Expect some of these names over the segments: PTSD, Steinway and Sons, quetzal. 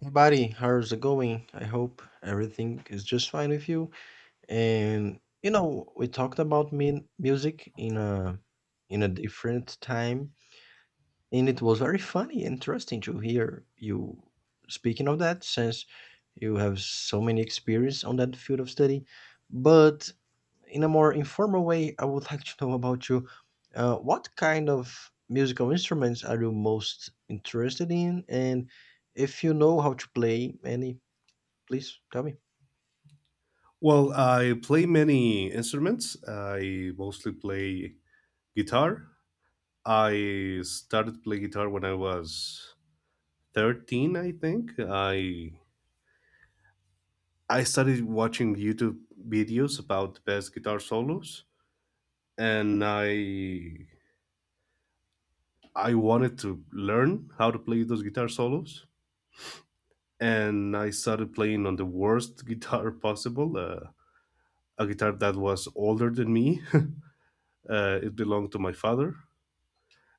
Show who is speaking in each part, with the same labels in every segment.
Speaker 1: Hey buddy, how's it going? I hope everything is just fine with you. And you know, we talked about min music in a different time, and it was very funny, and interesting to hear you speaking of that, since you have so many experience on that field of study. But in a more informal way, I would like to know about you. What kind of musical instruments are you most interested in, and if you know how to play any? Please tell me.
Speaker 2: Well, I play many instruments. I mostly play guitar. I started playing guitar when I was 13, I think. I started watching YouTube videos about the best guitar solos, and I wanted to learn how to play those guitar solos, and I started playing on the worst guitar possible, a guitar that was older than me. It belonged to my father.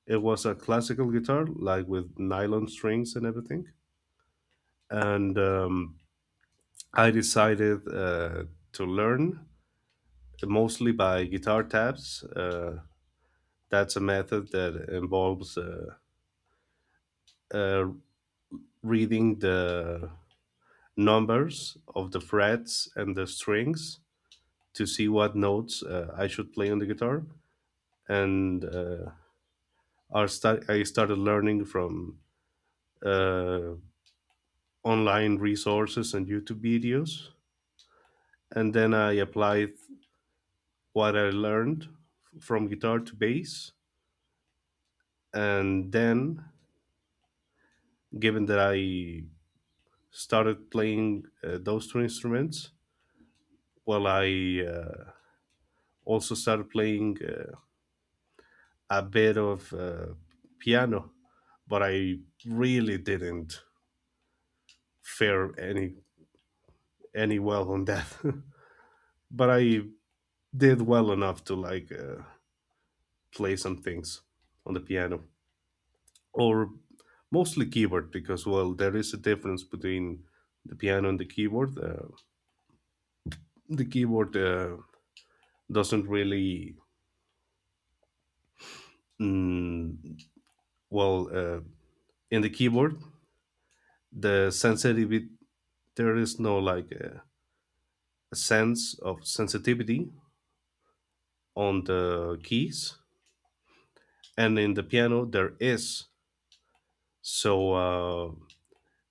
Speaker 2: It was a classical guitar, like with nylon strings and everything. And I decided to learn mostly by guitar tabs. That's a method that involves uh, reading the numbers of the frets and the strings to see what notes I should play on the guitar. And I started learning from uh, online resources and YouTube videos, and then I applied what I learned from guitar to bass. And then, given that I started playing those two instruments, well, I also started playing a bit of piano, but I really didn't fare any well on that. But I did well enough to like play some things on the piano, or mostly keyboard, because, well, there is a difference between the piano and the keyboard. The keyboard doesn't really, mm, well, in the keyboard, the sensitivity, there is no like a sense of sensitivity on the keys, and in the piano there is. So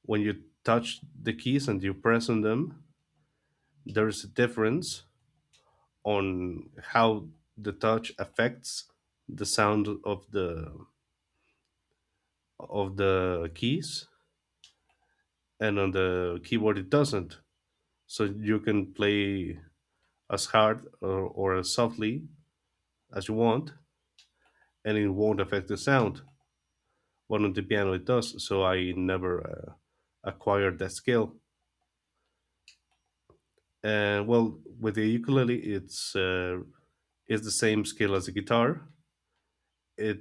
Speaker 2: when you touch the keys and you press on them, there is a difference on how the touch affects the sound of the keys, and on the keyboard it doesn't. So you can play as hard or as softly as you want, and it won't affect the sound, but on the piano it does. So I never uh, acquired that skill. And, well, with the ukulele, it's the same skill as the guitar. it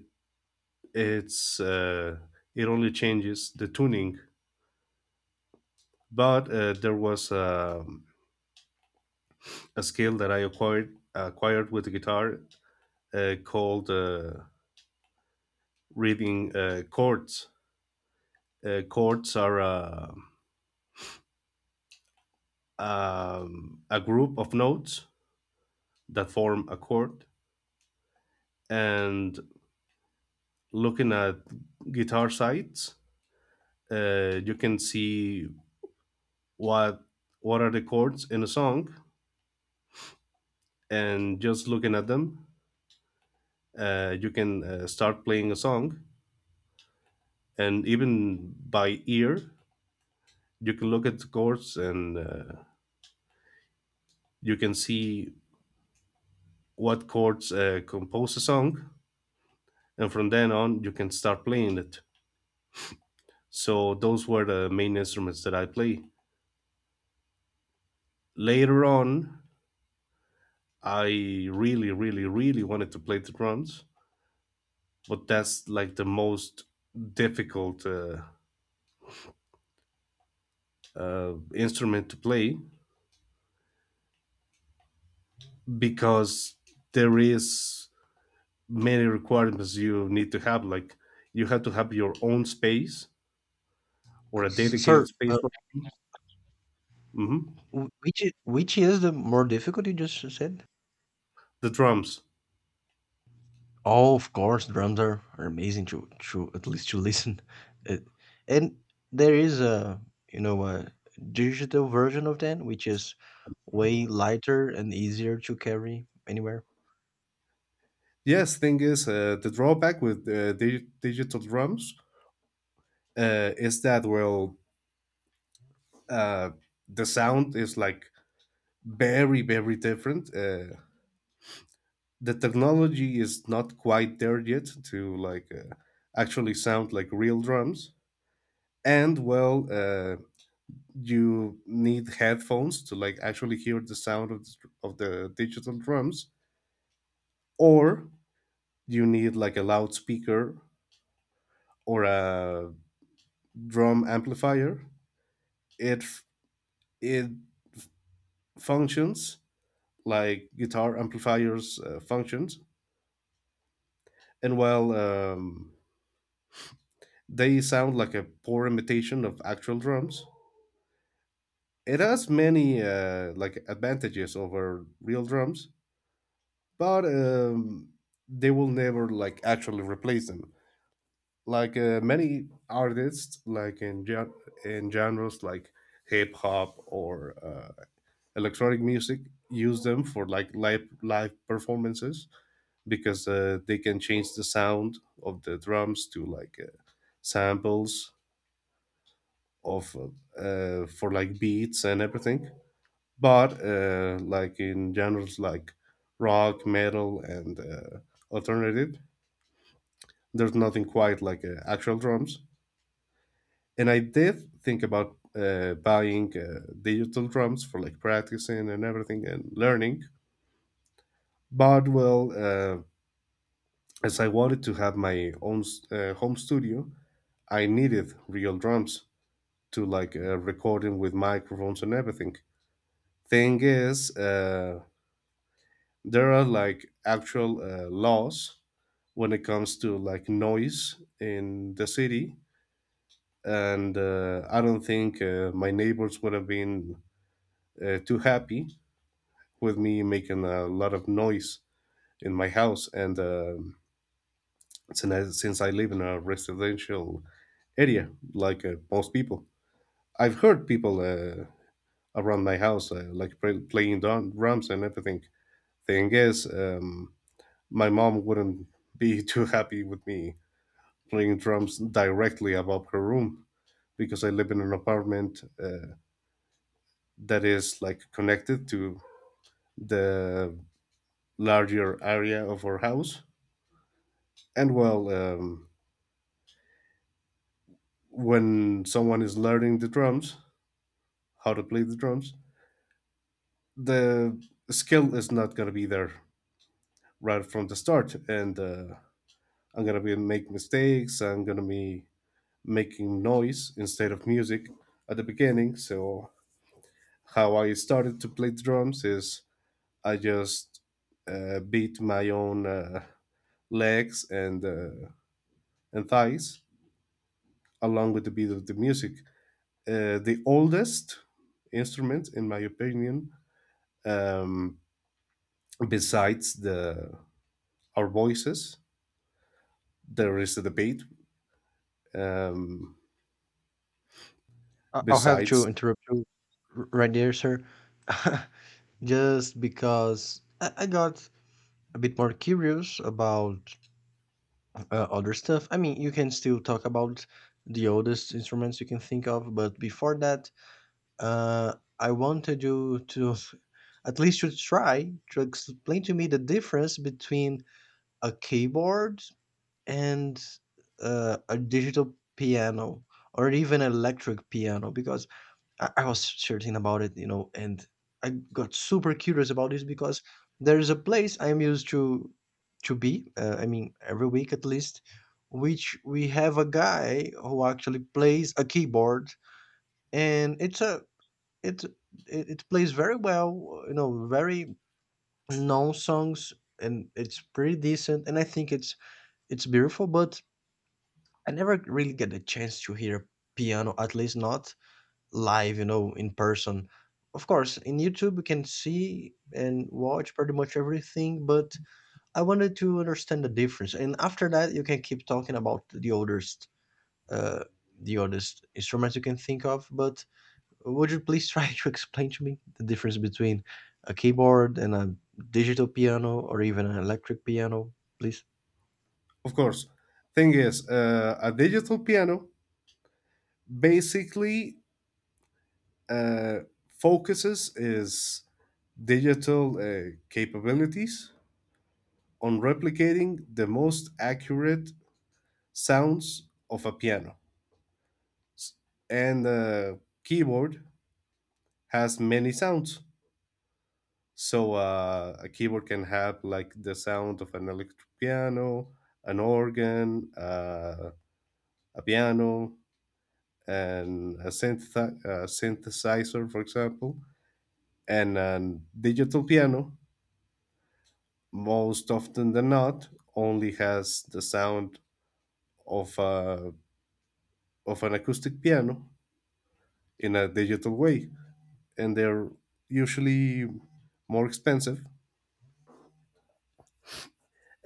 Speaker 2: it's it only changes the tuning. But there was a skill that I acquired with the guitar, called reading chords. Chords are a group of notes that form a chord. And looking at guitar sites, you can see what what are the chords in a song, and just looking at them, you can start playing a song. And even by ear, you can look at the chords, and you can see what chords compose a song, and from then on you can start playing it. So those were the main instruments that I play. Later on, I really wanted to play the drums, but that's like the most difficult instrument to play, because there is many requirements you need to have, like, you have to have your own space or
Speaker 1: Uh,
Speaker 2: a
Speaker 1: s-
Speaker 2: dedicated
Speaker 1: sir,
Speaker 2: space
Speaker 1: uh,
Speaker 2: for... Mm-hmm.
Speaker 1: which is the more difficult you just said?
Speaker 2: The drums.
Speaker 1: Oh, of course, drums are amazing to at least to listen. Uh, and there is a a digital version of that, which is way lighter and easier to carry anywhere.
Speaker 2: Yes, thing is, the drawback with digital drums is that, well, uh, the sound is like very, very different. The technology is not quite there yet to like actually sound like real drums. And, well, you need headphones to like actually hear the sound of the digital drums, or you need like a loudspeaker or a drum amplifier. It it functions like guitar amplifiers functions. And while they sound like a poor imitation of actual drums, it has many like advantages over real drums, but they will never like actually replace them. Like many artists, like in in genres like hip hop or electronic music use them for like live performances, because they can change the sound of the drums to like samples of for like beats and everything. But like in genres like rock, metal, and alternative, there's nothing quite like actual drums. And I did think about buying digital drums for like practicing and everything and learning, but, well, as I wanted to have my own home studio, I needed real drums to like recording with microphones and everything. Thing is, there are like actual laws when it comes to like noise in the city. And I don't think my neighbors would have been too happy with me making a lot of noise in my house. And since I live in a residential area, like most people. I've heard people around my house like playing drums and everything. Thing is, my mom wouldn't be too happy with me playing drums directly above her room, because I live in an apartment that is like connected to the larger area of our house. And, well, when someone is learning the drums, how to play the drums, the skill is not going to be there right from the start. And I'm gonna be make mistakes. I'm gonna be making noise instead of music at the beginning. So how I started to play drums is I just beat my own legs and and thighs along with the beat of the music. The oldest instrument, in my opinion, um, besides the our voices, there is the debate. Um,
Speaker 1: I'll have to
Speaker 2: Besides...
Speaker 1: interrupt you right there, sir, just because I got a bit more curious about other stuff. I mean, you can still talk about the oldest instruments you can think of, but before that, uh, I wanted you to at least to try to explain to me the difference between a keyboard and a digital piano or even electric piano because I was searching about it, you know, and I got super curious about this because there is a place I'm used to be. I mean, every week at least, which we have a guy who actually plays a keyboard, and it's a it it, it plays very well. You know, very known songs, and it's pretty decent. And I think it's beautiful, but I never really get the chance to hear piano, at least not live, you know, in person. Of course, in YouTube you can see and watch pretty much everything, but I wanted to understand the difference. And after that, you can keep talking about uh, the oldest instruments you can think of. But would you please try to explain to me the difference between a keyboard and a digital piano or even an electric piano, please?
Speaker 2: Of course. Thing is, a digital piano basically uh, focuses its digital capabilities on replicating the most accurate sounds of a piano. And a keyboard has many sounds. So a keyboard can have like the sound of an electric piano, an organ, a piano, and a synthesizer, for example. And a digital piano, most often than not, only has the sound of of an acoustic piano in a digital way, and they're usually more expensive,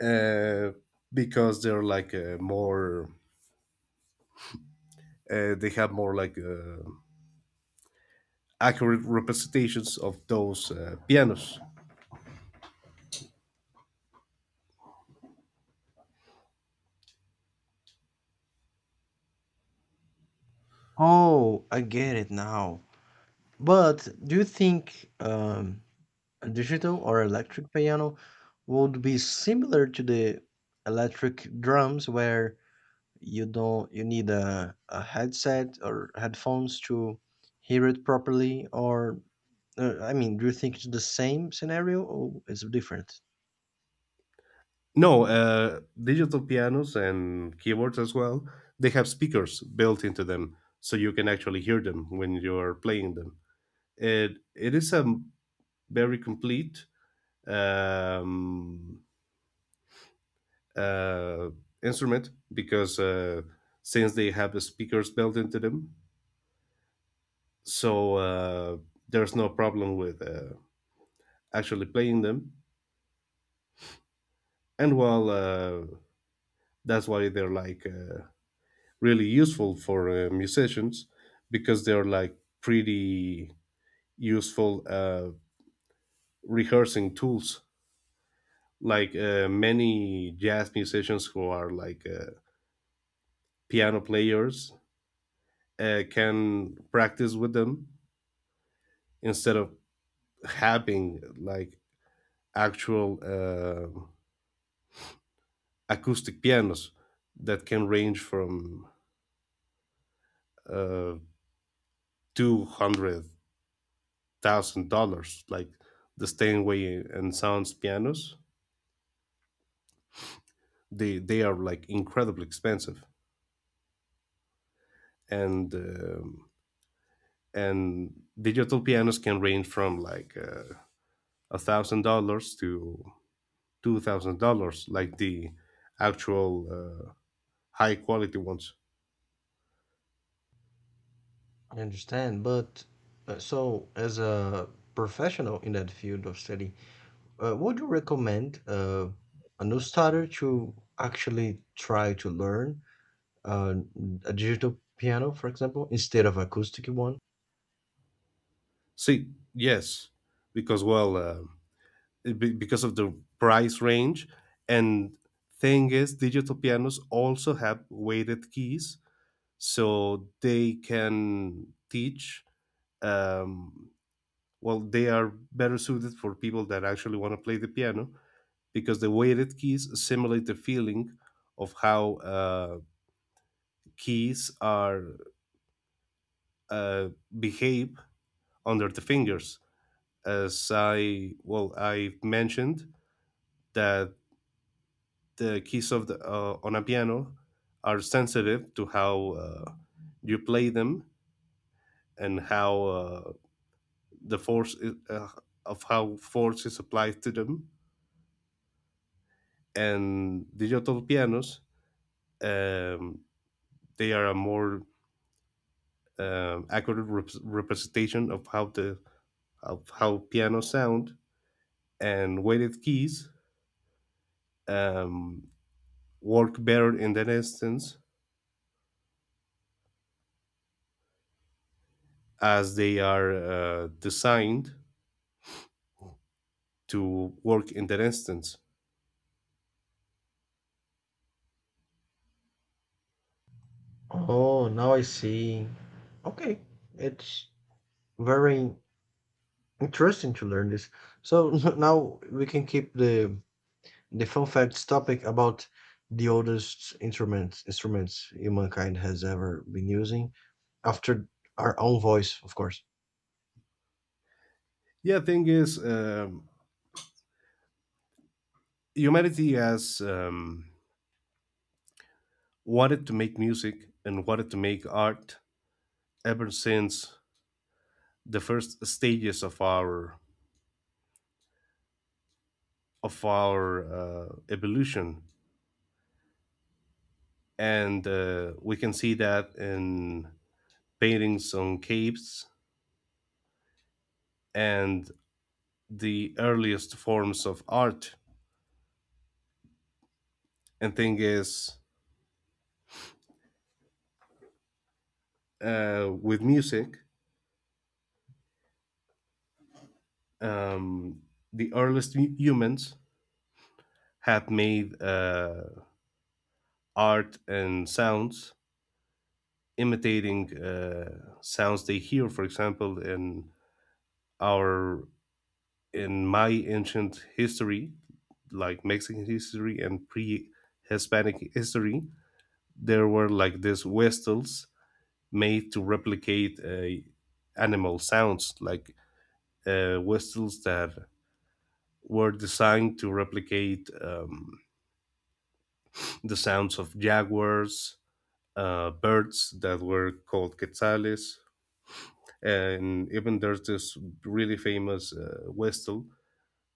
Speaker 2: uh, because they're like more they have more like accurate representations of those pianos.
Speaker 1: Oh, I get it now. But do you think a digital or electric piano would be similar to the electric drums where you don't you need a headset or headphones to hear it properly or I mean, do you think it's the same scenario or it's different?
Speaker 2: No, digital pianos and keyboards as well, they have speakers built into them, so you can actually hear them when you're playing them. It is a very complete um, uh, instrument, because since they have the speakers built into them, so there's no problem with actually playing them. And, well, that's why they're like really useful for musicians, because they're like pretty useful rehearsing tools. Like many jazz musicians who are like piano players can practice with them, instead of having like actual acoustic pianos that can range from uh, $200,000, like the Steinway and Sons pianos. They are like incredibly expensive. And um, and digital pianos can range from like $1,000 to $2,000, like the actual high quality ones.
Speaker 1: I understand, but so as a professional in that field of study, would you recommend a new starter to actually try to learn uh, a digital piano, for example, instead of acoustic one.
Speaker 2: See. Yes, because, well, because of the price range. And thing is, digital pianos also have weighted keys, so they can teach, um, well, they are better suited for people that actually want to play the piano, because the weighted keys simulate the feeling of how keys are uh, behave under the fingers. As I, well, I mentioned that the keys of the on a piano are sensitive to how you play them, and how the force is, of how force is applied to them. And digital pianos, um, they are a more accurate representation of how the of how piano sound, and weighted keys um, work better in that instance, as they are designed to work in that instance.
Speaker 1: Oh, now I see. Okay, it's very interesting to learn this. So now we can keep the fun facts topic about the oldest instruments humankind has ever been using after our own voice, of course.
Speaker 2: Yeah, thing is, humanity has wanted to make music and wanted to make art ever since the first stages of our evolution, and we can see that in paintings on caves and the earliest forms of art. And thing is, with music, um, the earliest humans have made art and sounds, imitating sounds they hear. For example, in our in my ancient history, like Mexican history and pre-Hispanic history, there were like these whistles made to replicate animal sounds, like whistles that were designed to replicate the sounds of jaguars, birds that were called quetzales. And even there's this really famous whistle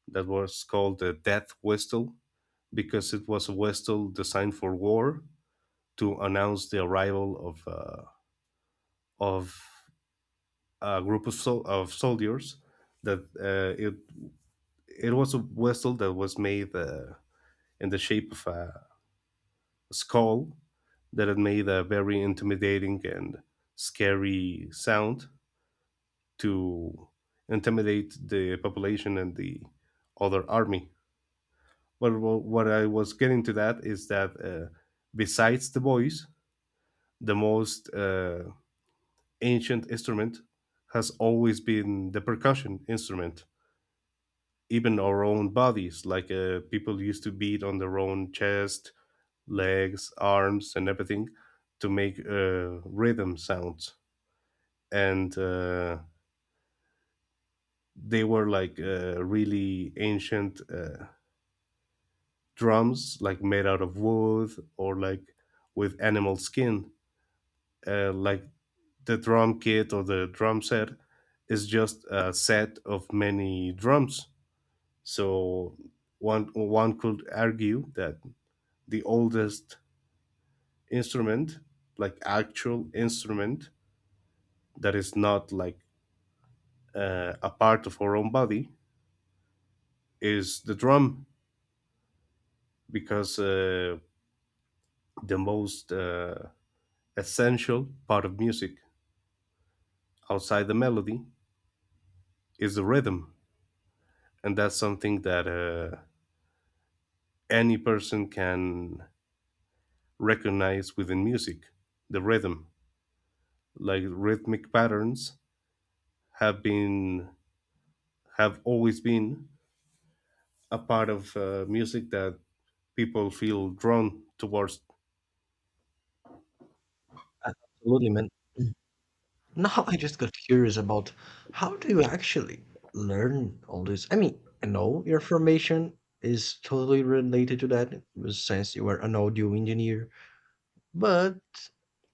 Speaker 2: that was called the death whistle, because it was a whistle designed for war to announce the arrival of of a group of of soldiers. That it it was a vessel that was made in the shape of a skull, that had made a very intimidating and scary sound to intimidate the population and the other army. But what I was getting to that is that, besides the voice, the most ancient instrument has always been the percussion instrument, even our own bodies. Like people used to beat on their own chest, legs, arms, and everything to make rhythm sounds. And they were like really ancient drums, like made out of wood, or like with animal skin. Like the drum kit or the drum set is just a set of many drums. So one could argue that the oldest instrument, like actual instrument that is not like a part of our own body, is the drum, because the most essential part of music outside the melody is the rhythm, and that's something that any person can recognize within music. The rhythm, like rhythmic patterns, have been have always been a part of music that people feel drawn towards.
Speaker 1: Absolutely, man. Now I just got curious about how do you actually learn all this? I mean, I know your formation is totally related to that since you were an audio engineer, but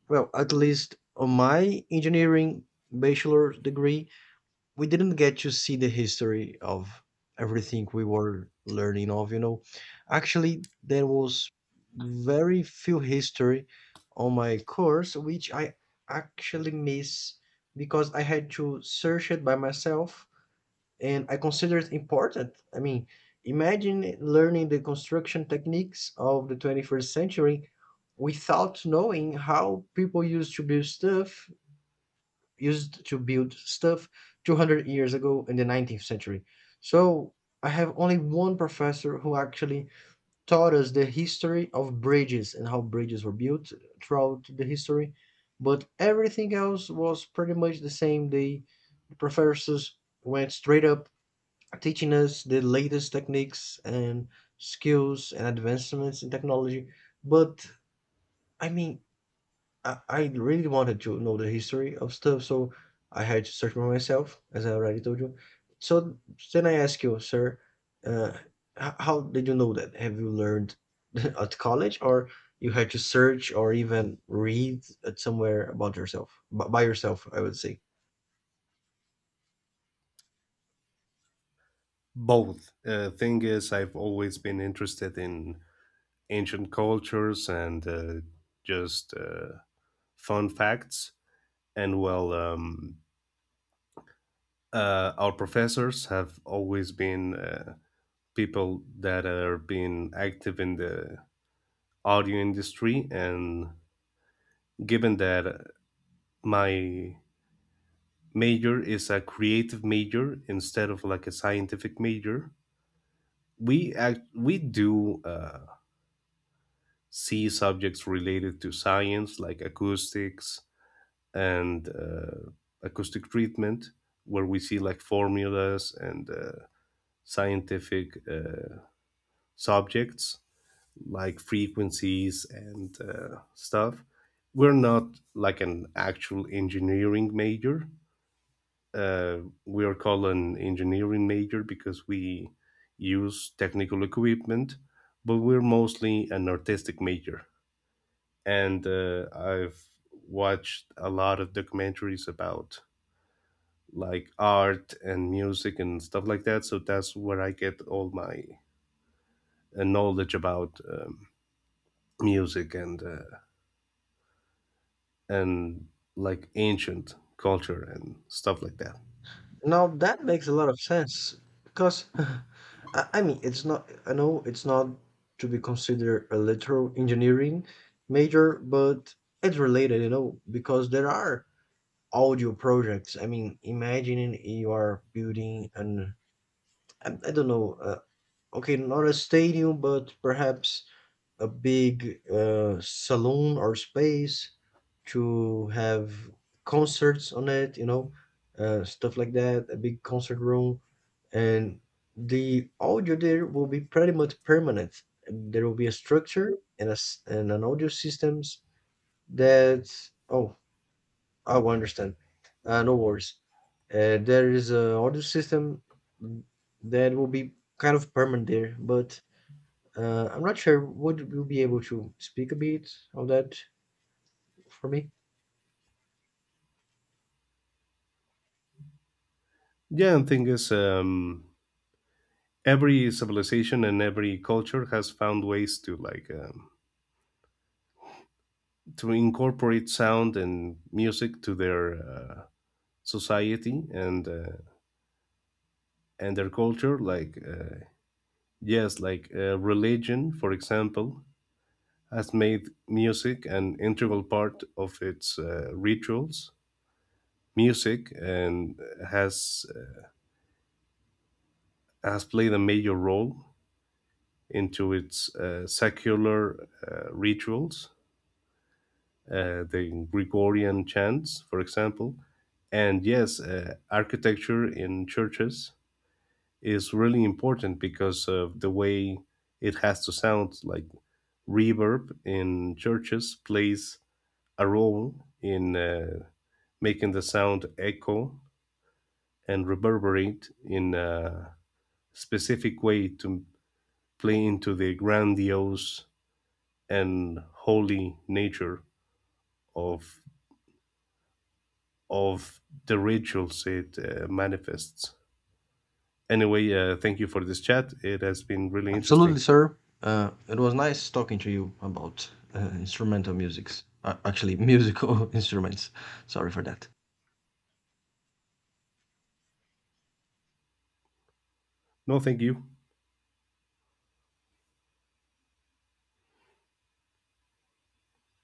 Speaker 1: well, at least on my engineering bachelor's degree, we didn't get to see the history of everything we were learning of, you know, actually there was very few history on my course, which I actually miss because I had to search it by myself, and I consider it important. I mean, imagine learning the construction techniques of the 21st century without knowing how people used to build stuff 200 years ago in the 19th century. So I have only one professor who actually taught us the history of bridges and how bridges were built throughout the history. But everything else was pretty much the same. The professors went straight up teaching us the latest techniques and skills and advancements in technology. But I mean, I really wanted to know the history of stuff, so I had to search by myself, as I already told you. So then I ask you, sir, uh, how did you know that? Have you learned at college, or you had to search or even read at somewhere about yourself, by yourself, I would say.
Speaker 2: Both. Thing is, I've always been interested in ancient cultures and just fun facts. And, well, our professors have always been people that are being active in the audio industry. And given that my major is a creative major instead of like a scientific major, we do. See subjects related to science, like acoustics and acoustic treatment, where we see like formulas and scientific subjects like frequencies and stuff. We're not like an actual engineering major. uh, we are called an engineering major because we use technical equipment, but we're mostly an artistic major. And I've watched a lot of documentaries about like art and music and stuff like that. So that's where I get all my knowledge about music and and like ancient culture and stuff like that.
Speaker 1: Now that makes a lot of sense because I mean it's not, I know it's not to be considered a literal engineering major, but it's related, you know, because there are audio projects. I mean, imagining you are building an I don't know, okay, not a stadium, but perhaps a big saloon or space to have concerts on it, you know, stuff like that, a big concert room. And the audio there will be pretty much permanent. There will be a structure and, a, and an audio systems that, oh, I will understand. No worries. There is an audio system that will be kind of permanent there, but I'm not sure, would you be able to speak a bit of that for me?
Speaker 2: Yeah, and thing is, every civilization and every culture has found ways to like to incorporate sound and music to their society And their culture, like yes, like religion, for example, has made music an integral part of its rituals. Music and has has played a major role into its secular rituals. The Gregorian chants, for example. And yes, architecture in churches is really important, because of the way it has to sound, like reverb in churches plays a role in making the sound echo and reverberate in a specific way, to play into the grandiose and holy nature of of the rituals it manifests. Anyway, thank you for this chat. It has been really
Speaker 1: Absolutely,
Speaker 2: interesting.
Speaker 1: sir. It was nice talking to you about instrumental musics. Actually, musical instruments. Sorry for that.
Speaker 2: No, thank you.